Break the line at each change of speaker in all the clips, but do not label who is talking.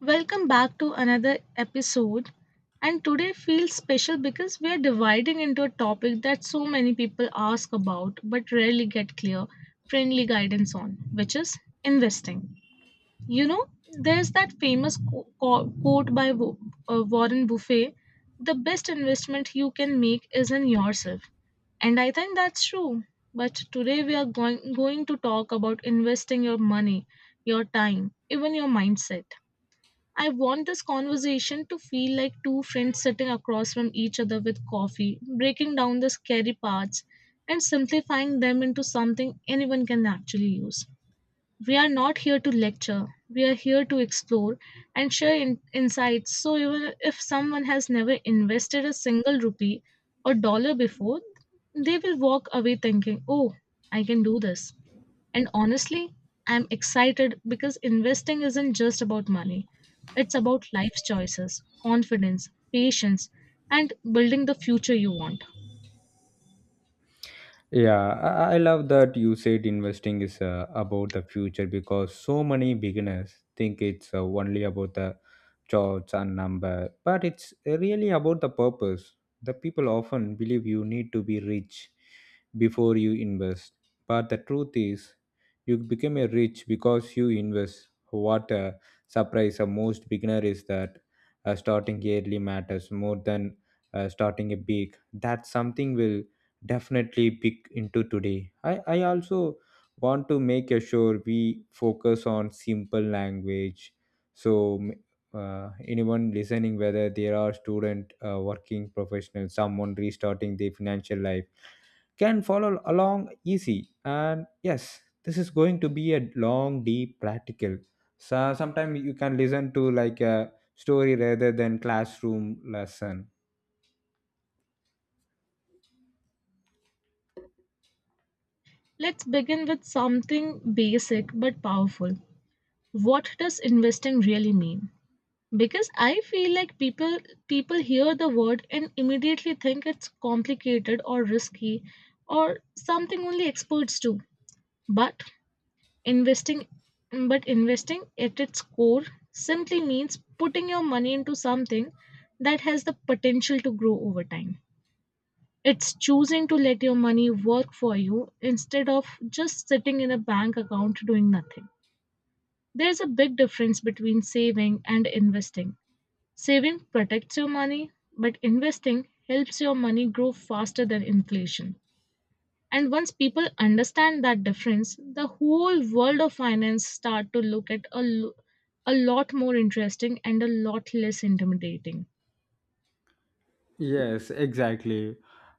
Welcome back to another episode. And today feels special because we are dividing into a topic that so many people ask about but rarely get clear, friendly guidance on, which is investing. You know, there's that famous quote by Warren Buffet, the best investment you can make is in yourself. And I think that's true. But today we are going to talk about investing your money, your time, even your mindset. I want this conversation to feel like two friends sitting across from each other with coffee, breaking down the scary parts and simplifying them into something anyone can actually use. We are not here to lecture, we are here to explore and share insights. So, even if someone has never invested a single rupee or dollar before, they will walk away thinking, oh, I can do this. And honestly, I'm excited because investing isn't just about money, it's about life's choices, confidence, patience, and building the future you want.
Yeah, I love that you said investing is about the future because so many beginners think it's only about the charts and number, but it's really about the purpose. The people often believe you need to be rich before you invest, but the truth is, you become a rich because you invest. What a surprise! A most beginner is that starting early matters more than starting a big. That's something will definitely big into today. I also want to make sure we focus on simple language. So m- Anyone listening, whether there are student, working professional, someone restarting their financial life, can follow along easy. And yes, this is going to be a long, deep practical. So sometimes you can listen to like a story rather than classroom lesson.
Let's begin with something basic but powerful. What does investing really mean? Because I feel like people hear the word and immediately think it's complicated or risky or something only experts do. But Investing, but investing at its core simply means putting your money into something that has the potential to grow over time. It's choosing to let your money work for you instead of just sitting in a bank account doing nothing. There's a big difference between saving and investing. Saving protects your money, but investing helps your money grow faster than inflation. And once people understand that difference, the whole world of finance start to look a lot more interesting and a lot less intimidating.
Yes, exactly.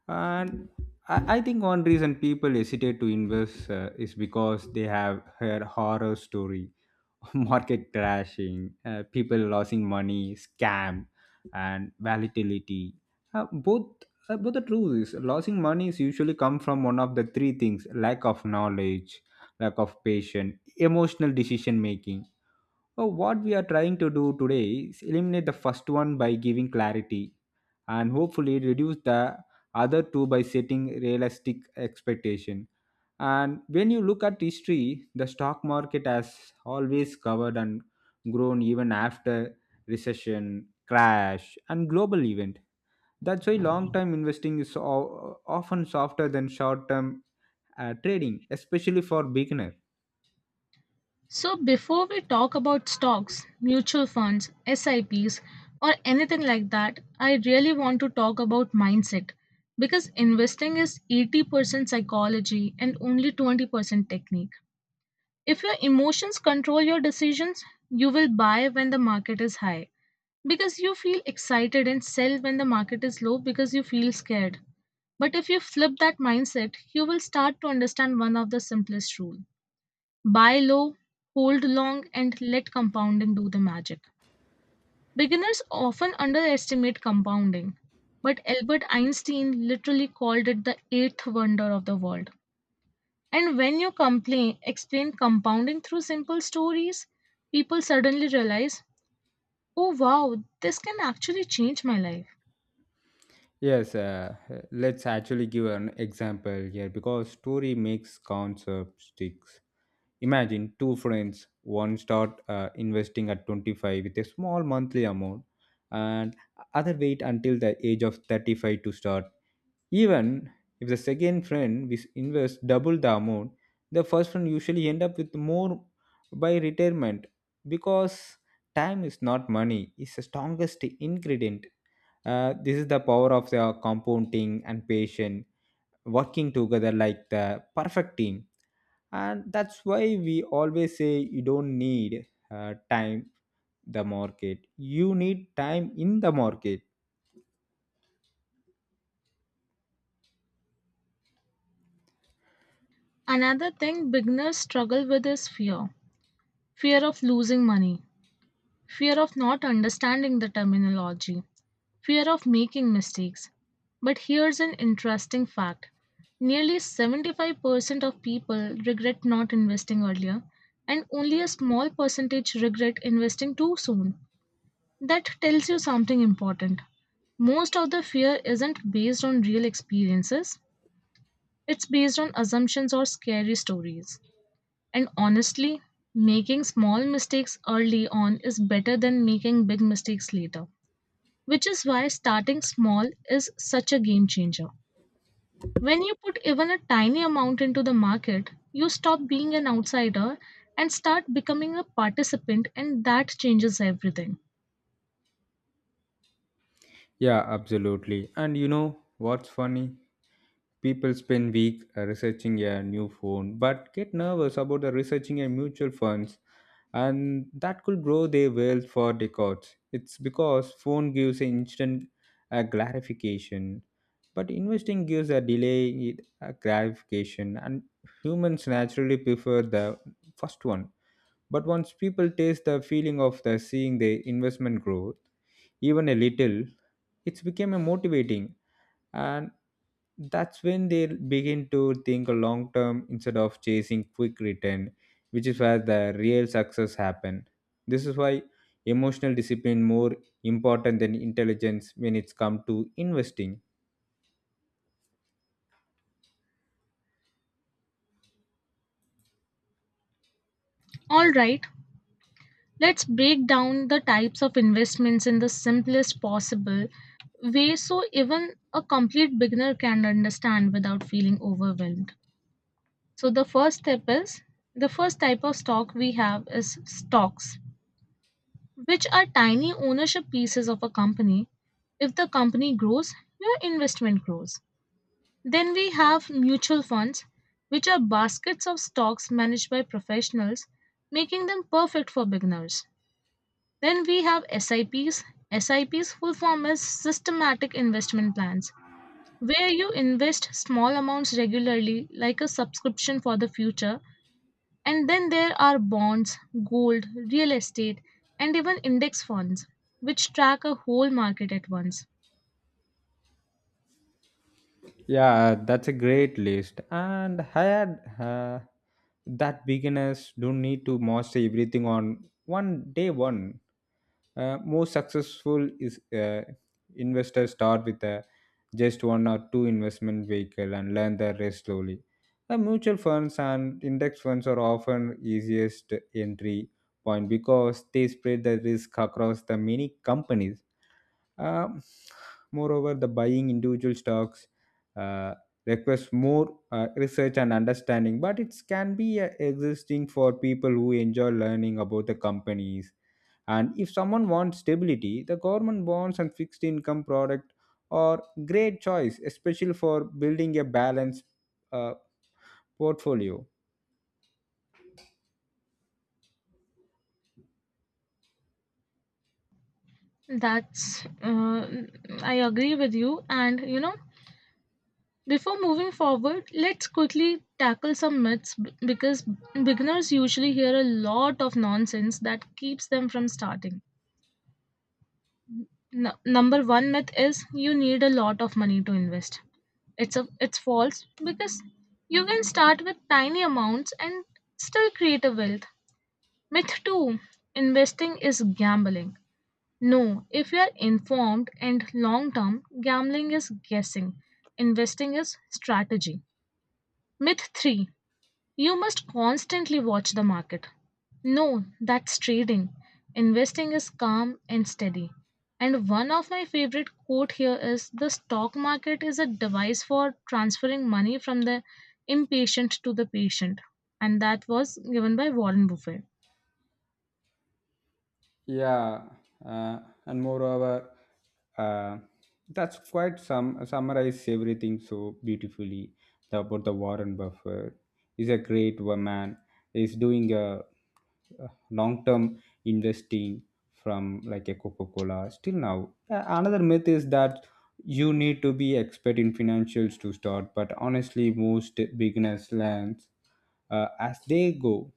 And I think one reason people hesitate to invest is because they have heard horror story, market crashing, people losing money, scam, and volatility. Both But the truth is, losing money is usually come from one of the three things: lack of knowledge, lack of patience, emotional decision making. So what we are trying to do today is eliminate the first one by giving clarity and hopefully reduce the other two by setting realistic expectation. And when you look at history, the stock market has always covered and grown even after recession crash and global event. That's why long term investing is often softer than short term trading, especially for beginner.
So before we talk about stocks, mutual funds, SIPs, or anything like that, I really want to talk about mindset because investing is 80% psychology and only 20% technique. If your emotions control your decisions, you will buy when the market is high because you feel excited and sell when the market is low because you feel scared. But if you flip that mindset, you will start to understand one of the simplest rule. Buy low, hold long, and let compounding do the magic. Beginners often underestimate compounding, but Albert Einstein literally called it the eighth wonder of the world. And when you explain compounding through simple stories, people suddenly realize, oh wow, this can actually change my life.
Yes, let's actually give an example here because story makes concept sticks. Imagine two friends, one start investing at 25 with a small monthly amount, and other wait until the age of 35 to start. Even if the second friend is invests double the amount, the first friend usually end up with more by retirement because time is not money, it's the strongest ingredient. This is the power of the compounding and patient working together like the perfect team. And that's why we always say you don't need time the market, you need time in the market.
Another thing beginners struggle with is fear, fear of losing money, fear of not understanding the terminology, fear of making mistakes. But here's an interesting fact: nearly 75% of people regret not investing earlier, and only a small percentage regret investing too soon. That tells you something important. Most of the fear isn't based on real experiences, it's based on assumptions or scary stories. And honestly, making small mistakes early on is better than making big mistakes later, which is why starting small is such a game changer. When you put even a tiny amount into the market, you stop being an outsider and start becoming a participant, and that changes everything.
Yeah, absolutely. And you know what's funny? People spend weeks researching a new phone but get nervous about the researching a mutual funds and that could grow their wealth for decades. It's because phone gives an instant gratification, but investing gives a delayed gratification, and humans naturally prefer the first one. But once people taste the feeling of the seeing their investment grow even a little, it's became a motivating, and that's when they begin to think long term instead of chasing quick return, which is where the real success happen. This is why emotional discipline more important than intelligence when it's come to investing.
All right, let's break down the types of investments in the simplest possible way so even a complete beginner can understand without feeling overwhelmed. So the first type of stock we have is stocks, which are tiny ownership pieces of a company. If the company grows, your investment grows. Then we have mutual funds, which are baskets of stocks managed by professionals, making them perfect for beginners. Then we have SIPs. SIPs full form is systematic investment plans, where you invest small amounts regularly like a subscription for the future. And then there are bonds, gold, real estate, and even index funds, which track a whole market at once.
Yeah, that's a great list. And I had that beginners don't need to master everything on one day one. Most successful is investors start with just one or two investment vehicle and learn the rest slowly. The mutual funds and index funds are often easiest entry point because they spread the risk across the many companies. um, Moreover, the buying individual stocks uh, requires more research and understanding, but it can be existing for people who enjoy learning about the companies. And if someone wants stability, the government bonds and fixed income product are great choice, especially for building a balanced uh, portfolio.
That's, uh, I agree with you. And you know, before moving forward, let's quickly tackle some myths because beginners usually hear a lot of nonsense that keeps them from starting. Number one myth is you need a lot of money to invest. It's false because you can start with tiny amounts and still create a wealth. Myth two: investing is gambling. No, if you are informed and long term, gambling is guessing. Investing is strategy. Myth 3: you must constantly watch the market. No, that's trading. Investing is calm and steady. And one of my favorite quote here is, the stock market is a device for transferring money from the impatient to the patient. And that was given by Warren Buffett.
Yeah, uh, and moreover, uh, that's quite some summarize everything so beautifully about the Warren Buffett. He's a man. He's doing a long-term investing from like a Coca-Cola still now. Another myth is that you need to be expert in financials to start, but honestly, most beginners learn as they go,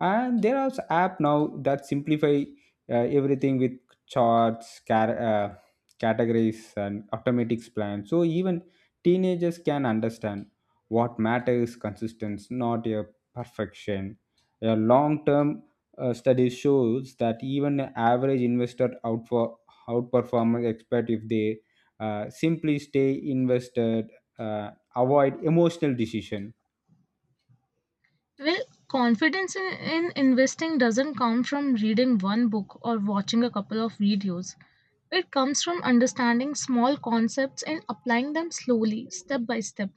and there are app now that simplify everything with charts, categories and automatics plans, so even teenagers can understand. What matters consistency not a perfection. A long term study shows that even an average investor outperformers expert if they simply stay invested, uh, avoid emotional decision.
Well, confidence in investing doesn't come from reading one book or watching a couple of videos. It comes from understanding small concepts and applying them slowly, step by step.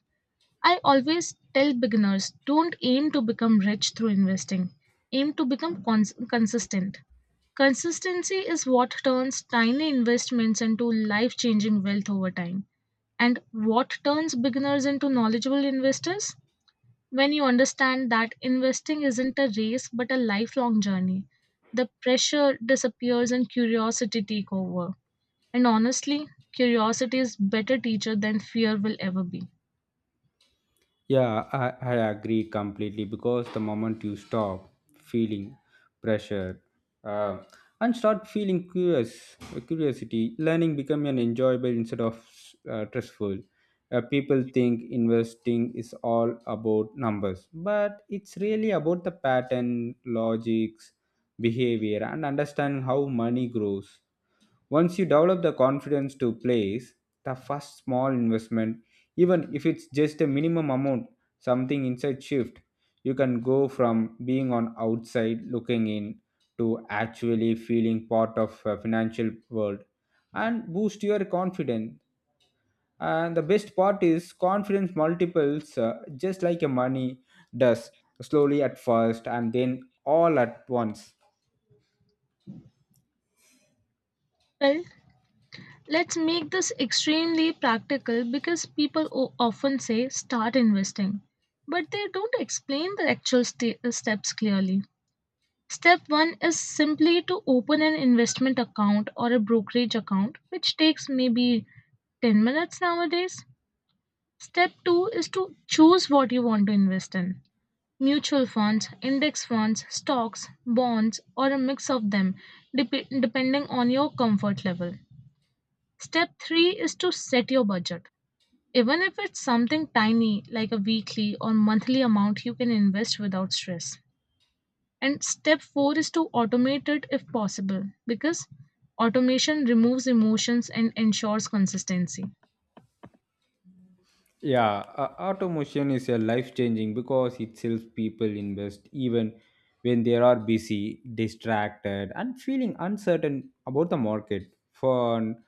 I always tell beginners, don't aim to become rich through investing, aim to become consistent. Consistency is what turns tiny investments into life changing wealth over time. And what turns beginners into knowledgeable investors? When you understand that investing isn't a race but a lifelong journey, the pressure disappears and curiosity takes over. And honestly, curiosity is better teacher than fear will ever be.
Yeah, I agree completely because the moment you stop feeling pressure uh, and start feeling curiosity, learning become an enjoyable instead of stressful. People think investing is all about numbers, but it's really about the pattern, logics, behavior, and understanding how money grows. Once you develop the confidence to place the first small investment, even if it's just a minimum amount, something inside shift, you can go from being on outside looking in to actually feeling part of a financial world and boost your confidence. And the best part is confidence multiples just like a money does, slowly at first and then all at once.
Well, let's make this extremely practical because people often say start investing, but they don't explain the actual steps clearly. Step one is simply to open an investment account or a brokerage account, which takes maybe 10 minutes nowadays. Step 2 is to choose what you want to invest in, mutual funds, index funds, stocks, bonds, or a mix of them, depending on your comfort level. Step three is to set your budget. Even if it's something tiny like a weekly or monthly amount you can invest without stress. And step four is to automate it if possible because automation removes emotions and ensures consistency.
Yeah, automation is a life changing because it helps people invest even when they are busy, distracted, and feeling uncertain about the market. For an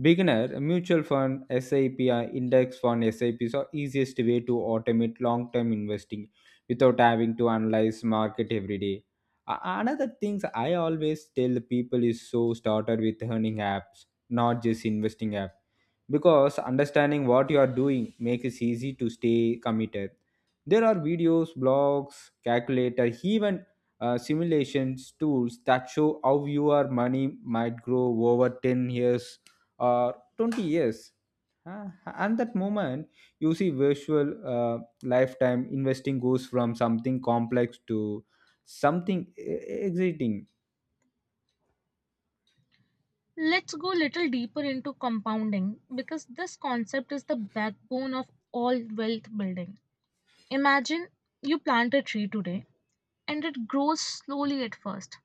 beginner, a mutual fund, SIP, or index fund, SIPs are easiest way to automate long term investing without having to analyze market every day. Another things I always tell the people is so started with earning apps, not just investing app, because understanding what you are doing makes it easy to stay committed. There are videos, blogs, calculator, even simulations tools that show how your money might grow over 10 years or 20 years. And that moment, you see virtual lifetime investing goes from something complex to something exciting.
Let's go a little deeper into compounding because this concept is the backbone of all wealth building. Imagine you plant a tree today and it grows slowly at first.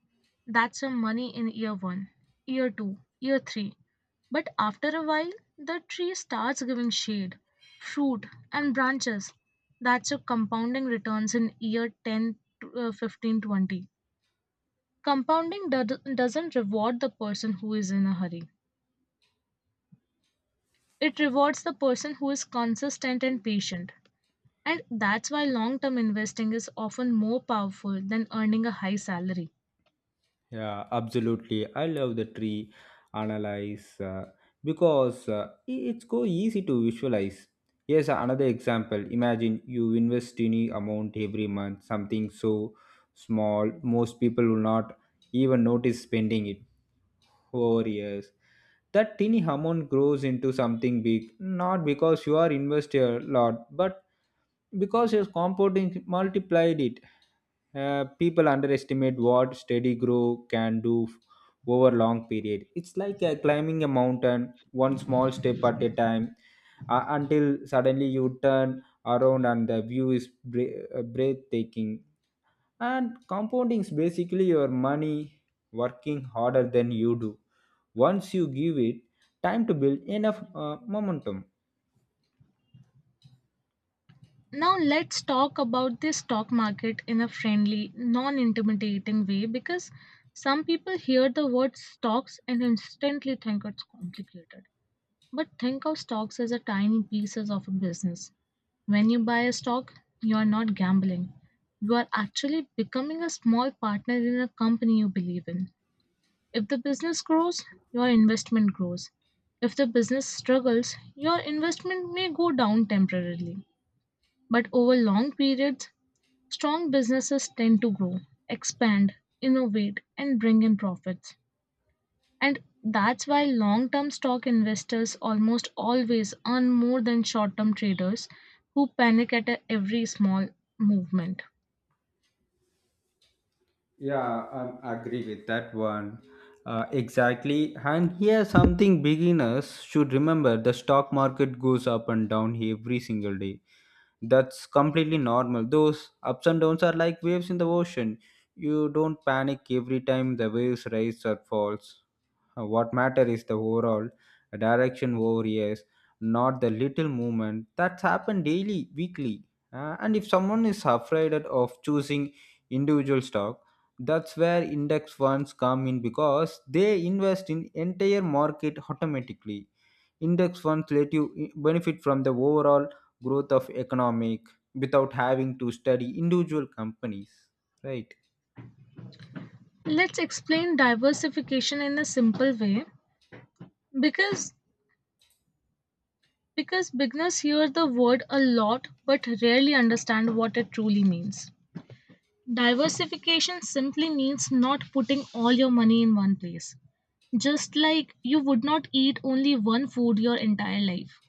That's your money in year one, year two, year three. But after a while, the tree starts giving shade, fruit, and branches. That's your compounding returns in year 10, 15, 20. Compounding doesn't reward the person who is in a hurry, it rewards the person who is consistent and patient. And that's why long term investing is often more powerful than earning a high salary.
Yeah, absolutely. I love the tree analyze because uh, it's go easy to visualize. Here's another example. Imagine you invest any amount every month, something so small, most people will not even notice spending it over years. That tiny amount grows into something big, not because you are invested a lot, but because your compounding multiplied it. People underestimate what steady growth can do over long period. It's like climbing a mountain one small step at a time until suddenly you turn around and the view is breathtaking. And compounding is basically your money working harder than you do once you give it time to build enough momentum.
Now let's talk about the stock market in a friendly, non-intimidating way because some people hear the word stocks and instantly think it's complicated. But think of stocks as a tiny pieces of a business. When you buy a stock, you are not gambling. You are actually becoming a small partner in a company you believe in. If the business grows, your investment grows. If the business struggles, your investment may go down temporarily. But over long periods, strong businesses tend to grow, expand, innovate, and bring in profits. And that's why long term stock investors almost always earn more than short term traders who panic at every small movement.
Yeah, I agree with that one. Exactly. And here, something beginners should remember the stock market goes up and down every single day. That's completely normal. Those ups and downs are like waves in the ocean. You don't panic every time the waves rise or falls. What matter is the overall direction over years, not the little movement that's happened daily, weekly. And if someone is afraid of choosing individual stock, that's where index funds come in because they invest in entire market automatically. Index funds let you benefit from the overall growth of economic without having to study individual companies, right?
Let's explain diversification in a simple way because beginners hear the word a lot but rarely understand what it truly means. Diversification simply means not putting all your money in one place. Just like you would not eat only one food your entire life.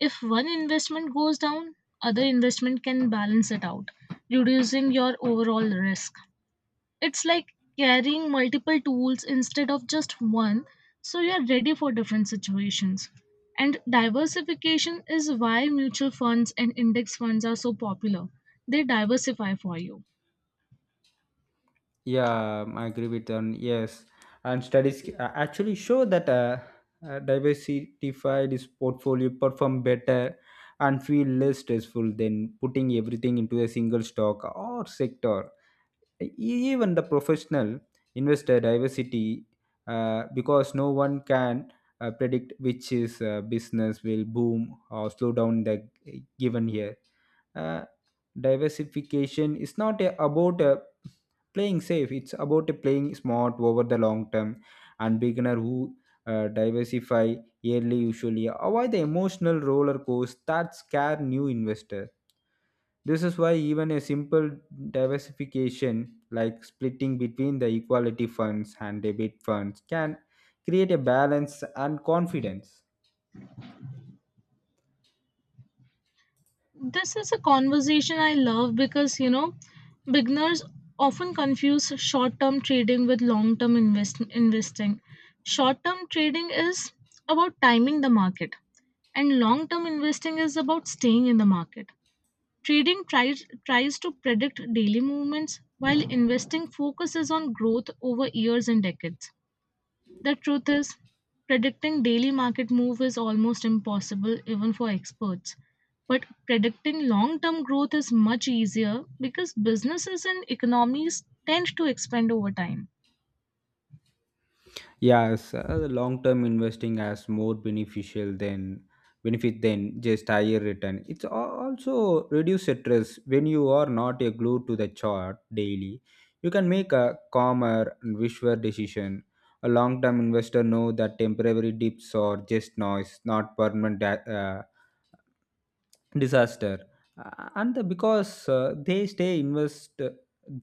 If one investment goes down, other investment can balance it out, reducing your overall risk. It's like carrying multiple tools instead of just one, so you're ready for different situations. And diversification is why mutual funds and index funds are so popular. They diversify for you.
Yeah, I agree with them. Yes, and studies actually show that diversified is portfolio perform better and feel less stressful than putting everything into a single stock or sector. Even the professional investor diversity because no one can predict which is business will boom or slow down the given year. uh, Diversification is not about a playing safe, it's about a playing smart over the long term. And beginner who diversify yearly usually avoid the emotional roller coaster that scare new investor. This is why even a simple diversification like splitting between the equality funds and debit funds can create a balance and confidence.
This is a conversation I love because, you know, beginners often confuse short term trading with long term investing. Short term trading is about timing the market, and long term investing is about staying in the market. Trading tries to predict daily movements, while investing focuses on growth over years and decades. The truth is, predicting daily market move is almost impossible even for experts. But predicting long term growth is much easier because businesses and economies tend to expand over time.
Yes, the long-term investing has more beneficial than benefit than just higher return. It's al- also reduce stress when you are not a glued to the chart daily. You can make a calmer and visual decision. A long-term investor know that temporary dips are just noise, not permanent. Disaster. And the- because they stay invest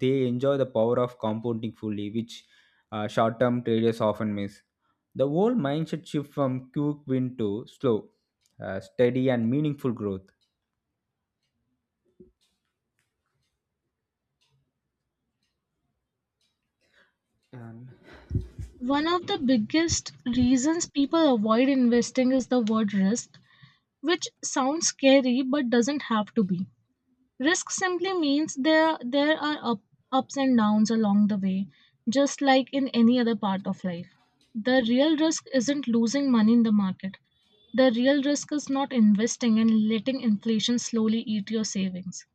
they enjoy the power of compounding fully, which short-term traders often miss. The whole mindset shift from quick win to slow steady and meaningful growth.
One of the biggest reasons people avoid investing is the word risk, which sounds scary but doesn't have to be. Risk simply means there are ups and downs along the way, just like in any other part of life. The real risk isn't losing money in the market. The real risk is not investing and letting inflation slowly eat your savings.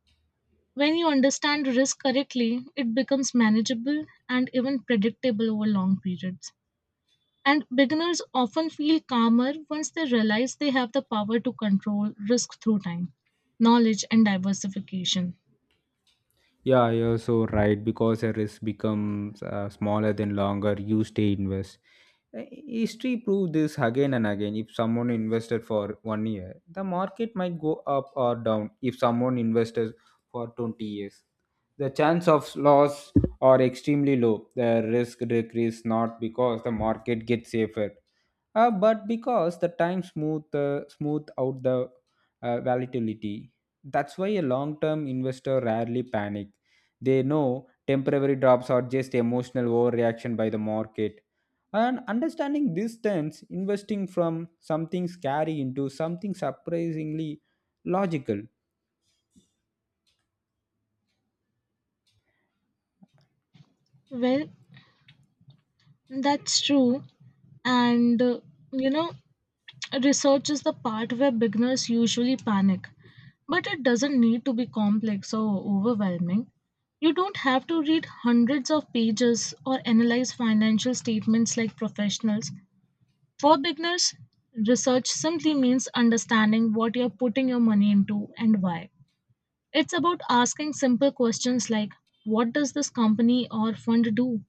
When you understand risk correctly, it becomes manageable and even predictable over long periods. And beginners often feel calmer once they realize they have the power to control risk through time, knowledge, and diversification.
Yeah, you're so right because a risk becomes smaller than longer you stay invest. History proved this again and again. If someone invested for one year, the market might go up or down. If someone invested for 20 years, the chance of loss are extremely low. The risk decrease not because the market gets safer, but because the time smooth out the volatility. That's why a long term investor rarely panic. They know temporary drops are just emotional overreaction by the market, and understanding this turns investing from something scary into something surprisingly logical.
Well, that's true. And you know, research is the part where beginners usually panic. But it doesn't need to be complex or overwhelming. You don't have to read hundreds of pages or analyze financial statements like professionals. For beginners, research simply means understanding what you're putting your money into and why. It's about asking simple questions like what does this company or fund do?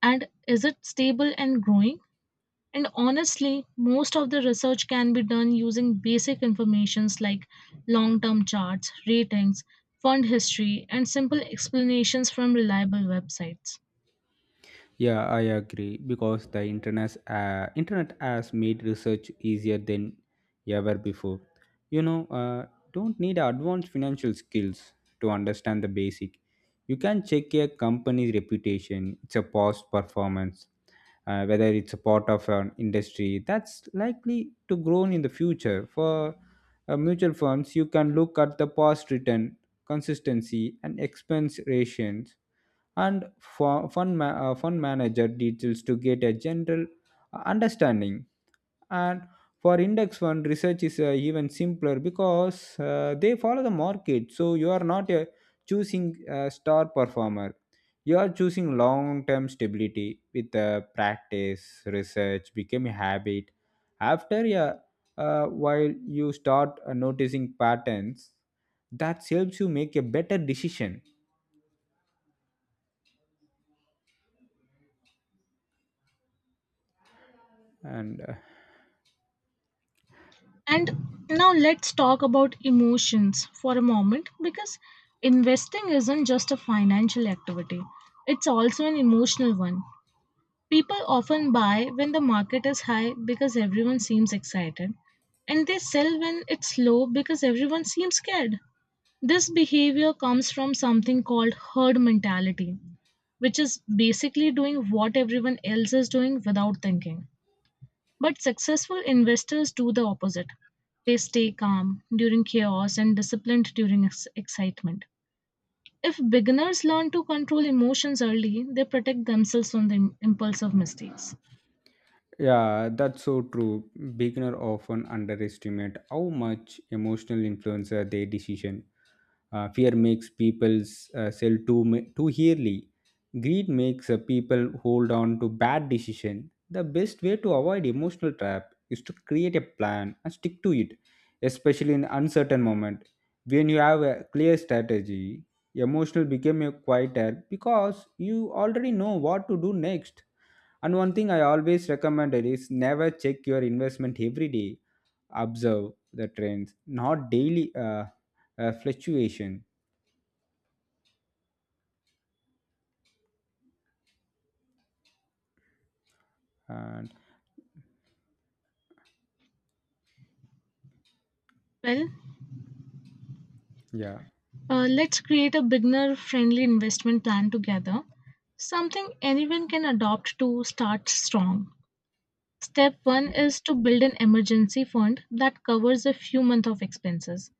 And is it stable and growing? And honestly, most of the research can be done using basic informations like long term charts, ratings, fund history, and simple explanations from reliable websites.
Yeah, I agree because the internet has made research easier than ever before. You know, don't need advanced financial skills to understand the basic. You can check a company's reputation, its a past performance, whether it's a part of an industry that's likely to grow in the future. For mutual funds, you can look at the past return, consistency, and expense ratios and fund manager details to get a general understanding. And for index fund, research is even simpler because they follow the market. So you are not a choosing a star performer. You are choosing long-term stability with practice, research, become a habit. After a while, you start noticing patterns that helps you make a better decision and
And now let's talk about emotions for a moment because investing isn't just a financial activity, it's also an emotional one. People often buy when the market is high because everyone seems excited, and they sell when it's low because everyone seems scared. This behavior comes from something called herd mentality, which is basically doing what everyone else is doing without thinking. But successful investors do the opposite. They stay calm during chaos and disciplined during excitement. If beginners learn to control emotions early, they protect themselves from the impulse of mistakes.
Yeah, that's so true. Beginner often underestimate how much emotional influence their decision. Fear makes people sell too early. Greed makes people hold on to bad decision. The best way to avoid emotional trap is to create a plan and stick to it, especially in uncertain moment. When you have a clear strategy, emotional become a quieter because you already know what to do next. And one thing I always recommended is never check your investment every day. Observe the trends, not daily fluctuation. And
Well,
yeah.
let's create a beginner friendly investment plan together, something anyone can adopt to start strong. Step one is to build an emergency fund that covers a few months of expenses,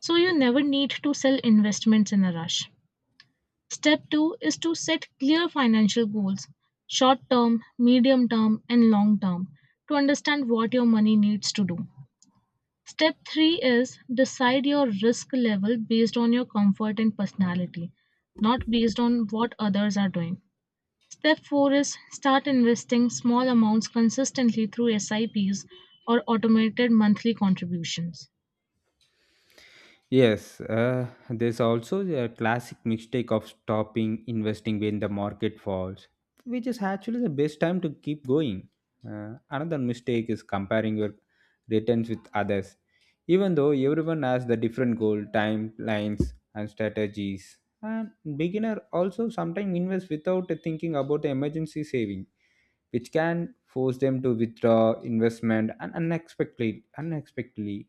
so you never need to sell investments in a rush. Step two is to set clear financial goals, short term, medium term, and long term, to understand what your money needs to do. Step three is decide your risk level based on your comfort and personality, not based on what others are doing. Step 4 is start investing small amounts consistently through SIPs or automated monthly contributions.
Yes, there's also a classic mistake of stopping investing when the market falls, which is actually the best time to keep going. Another mistake is comparing your returns with others, even though everyone has the different goal, timelines, and strategies. And beginner also sometimes invest without thinking about the emergency saving, which can force them to withdraw investment and unexpectedly. Unexpectedly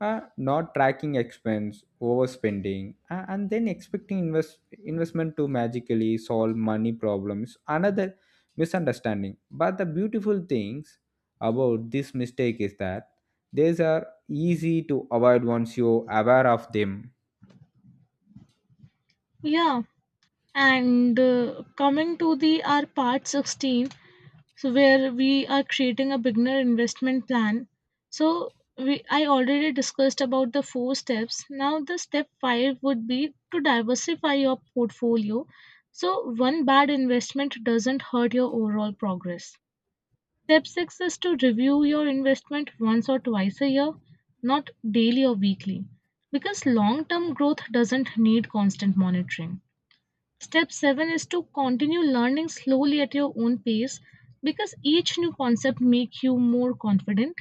not tracking expense, overspending, and then expecting investment to magically solve money problems. Another misunderstanding. But the beautiful things about this mistake is that these are easy to avoid once you're aware of them.
Yeah, and coming to the our part 16, so where we are creating a beginner investment plan. So we I already discussed about the four steps. Now the step 5 would be to diversify your portfolio so one bad investment doesn't hurt your overall progress. Step six is to review your investment once or twice a year, not daily or weekly, because long term growth doesn't need constant monitoring. Step 7 is to continue learning slowly at your own pace because each new concept make you more confident.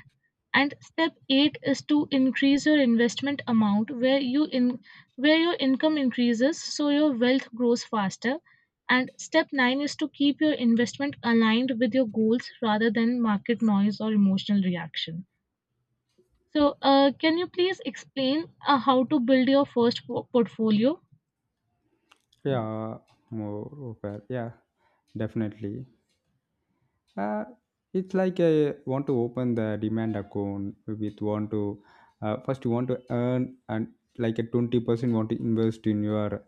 And step 8 is to increase your investment amount where your income increases so your wealth grows faster. And step 9 is to keep your investment aligned with your goals rather than market noise or emotional reaction. So, can you please explain how to build your first portfolio?
Yeah, more aware. Yeah, definitely. Uh, it's like I want to open the demand account with want to first you want to earn and like a 20% want to invest in your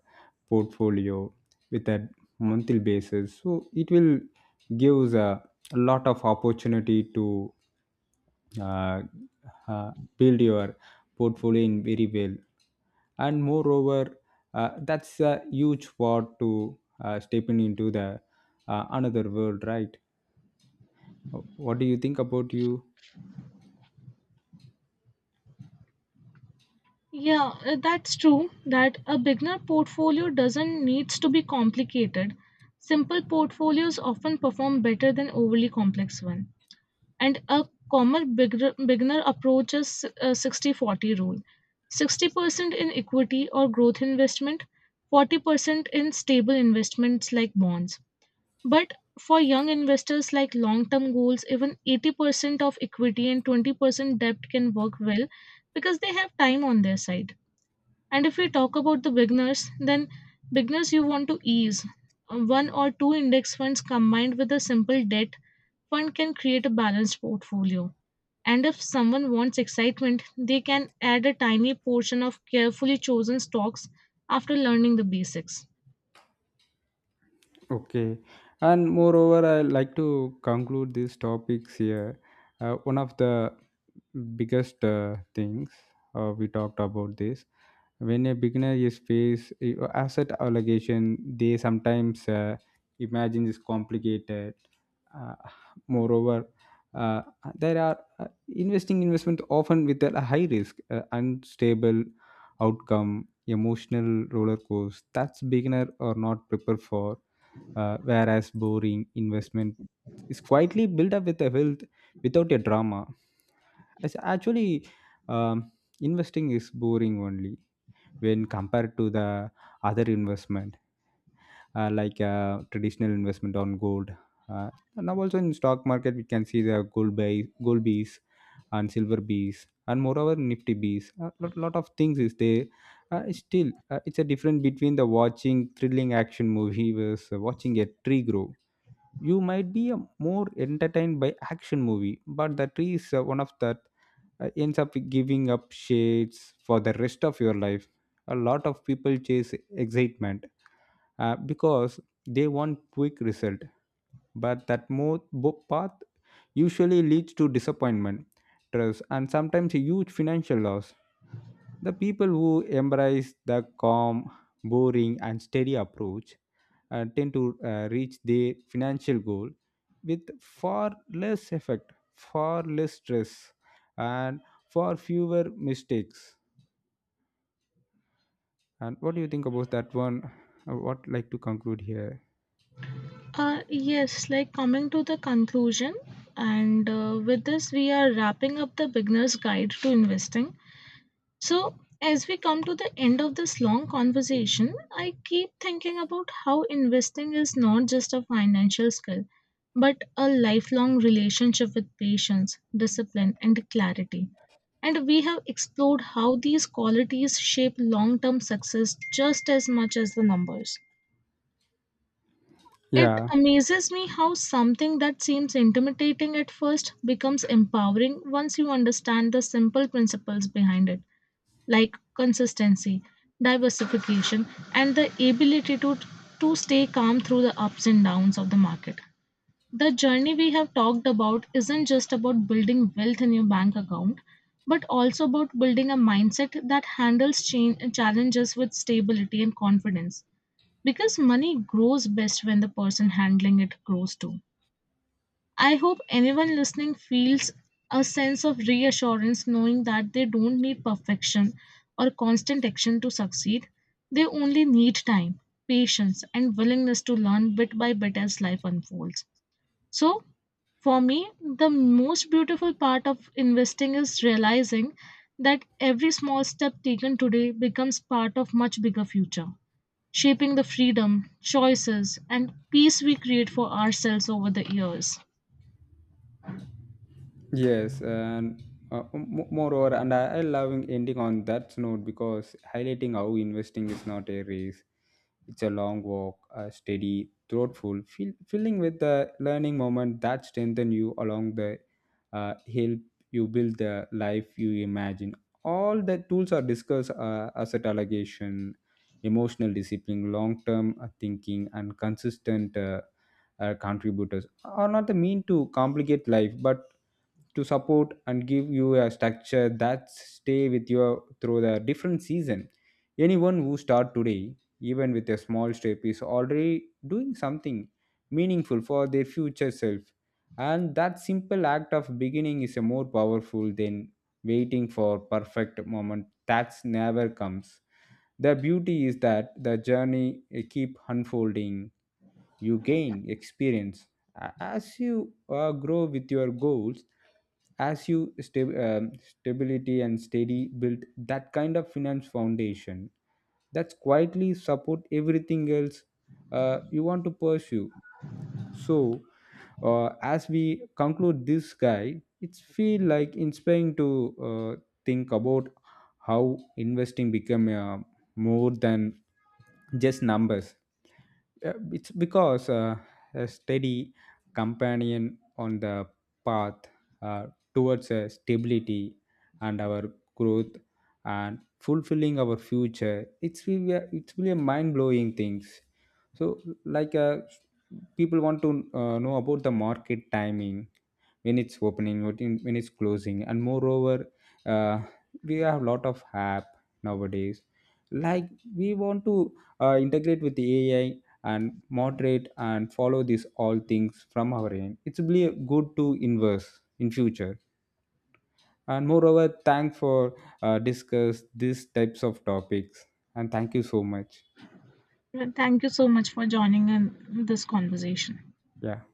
portfolio with a monthly basis. So it will gives a lot of opportunity to uh, uh, build your portfolio in very well. And moreover, that's a huge part to stepping into the another world, right? What do you think about you?
Yeah, that's true that a beginner portfolio doesn't needs to be complicated. Simple portfolios often perform better than overly complex one. And a common beginner approach is a 60-40 rule. 60% in equity or growth investment, 40% in stable investments like bonds. But for young investors like long-term goals, even 80% of equity and 20% debt can work well because they have time on their side. And if we talk about the beginners, then beginners you want to ease. One or two index funds combined with a simple debt fund can create a balanced portfolio. And if someone wants excitement, they can add a tiny portion of carefully chosen stocks after learning the basics.
Okay. And moreover, I like to conclude these topics here. One of the biggest things we talked about this when a beginner is face asset allocation, they sometimes imagine is complicated. Uh, moreover, uh, there are investing investment often with a high risk, unstable outcome, emotional roller coaster. That's beginner or not prepared for whereas boring investment is quietly built up with a wealth without a drama. It's actually, um, investing is boring only when compared to the other investment, like traditional investment on gold. Now also in stock market, we can see the gold buy, gold bees and silver bees, and moreover nifty bees. A lot of things is there. It's still, it's a difference between the watching thrilling action movie versus watching a tree grow. You might be a more entertained by action movie, but the tree is one of that ends up giving up shades for the rest of your life. A lot of people chase excitement because they want quick result, but that path usually leads to disappointment, stress, and sometimes a huge financial loss. The people who embrace the calm, boring, and steady approach tend to reach their financial goal with far less effect, far less stress, and far fewer mistakes. And what do you think about that one? What like to conclude here?
Yes, like coming to the conclusion, and with this, we are wrapping up the beginner's guide to investing. So, as we come to the end of this long conversation, I keep thinking about how investing is not just a financial skill, but a lifelong relationship with patience, discipline, and clarity. And we have explored how these qualities shape long term success just as much as the numbers. It
Yeah.
amazes me how something that seems intimidating at first becomes empowering once you understand the simple principles behind it like consistency, diversification, and the ability to stay calm through the ups and downs of the market. The journey we have talked about isn't just about building wealth in your bank account, but also about building a mindset that handles change, challenges with stability and confidence. Because money grows best when the person handling it grows too. I hope anyone listening feels a sense of reassurance knowing that they don't need perfection or constant action to succeed. They only need time, patience, and willingness to learn bit by bit as life unfolds. So, for me, the most beautiful part of investing is realizing that every small step taken today becomes part of much bigger future, shaping the freedom, choices, and peace we create for ourselves over the years.
Yes, and moreover, and I love ending on that note because highlighting how investing is not a race; it's a long walk, steady, thoughtful, filling with the learning moment that strengthen you along the help you build the life you imagine. All the tools are discussed: asset allocation, emotional discipline, long-term thinking, and consistent contributors are not the mean to complicate life, but to support and give you a structure that stay with you through the different season. Anyone who start today, even with a small step, is already doing something meaningful for their future self, and that simple act of beginning is a more powerful than waiting for perfect moment that never comes. The beauty is that the journey, keep unfolding. You gain experience as you grow with your goals, as you stability and steady build that kind of finance foundation that's quietly support everything else you want to pursue. So as we conclude this guy, it's feel like inspiring to uh, think about how investing become more than just numbers. It's because a steady companion on the path uh, towards stability and our growth and fulfilling our future. It's really it's really a mind-blowing things. So like people want to know about the market timing, when it's opening, when it's closing, and moreover uh, we have a lot of app nowadays, like we want to integrate with the AI and moderate and follow these all things from our end. It's really good to inverse in future. And moreover, thanks for discuss these types of topics, and thank you so much.
Thank you so much for joining in this conversation.
Yeah.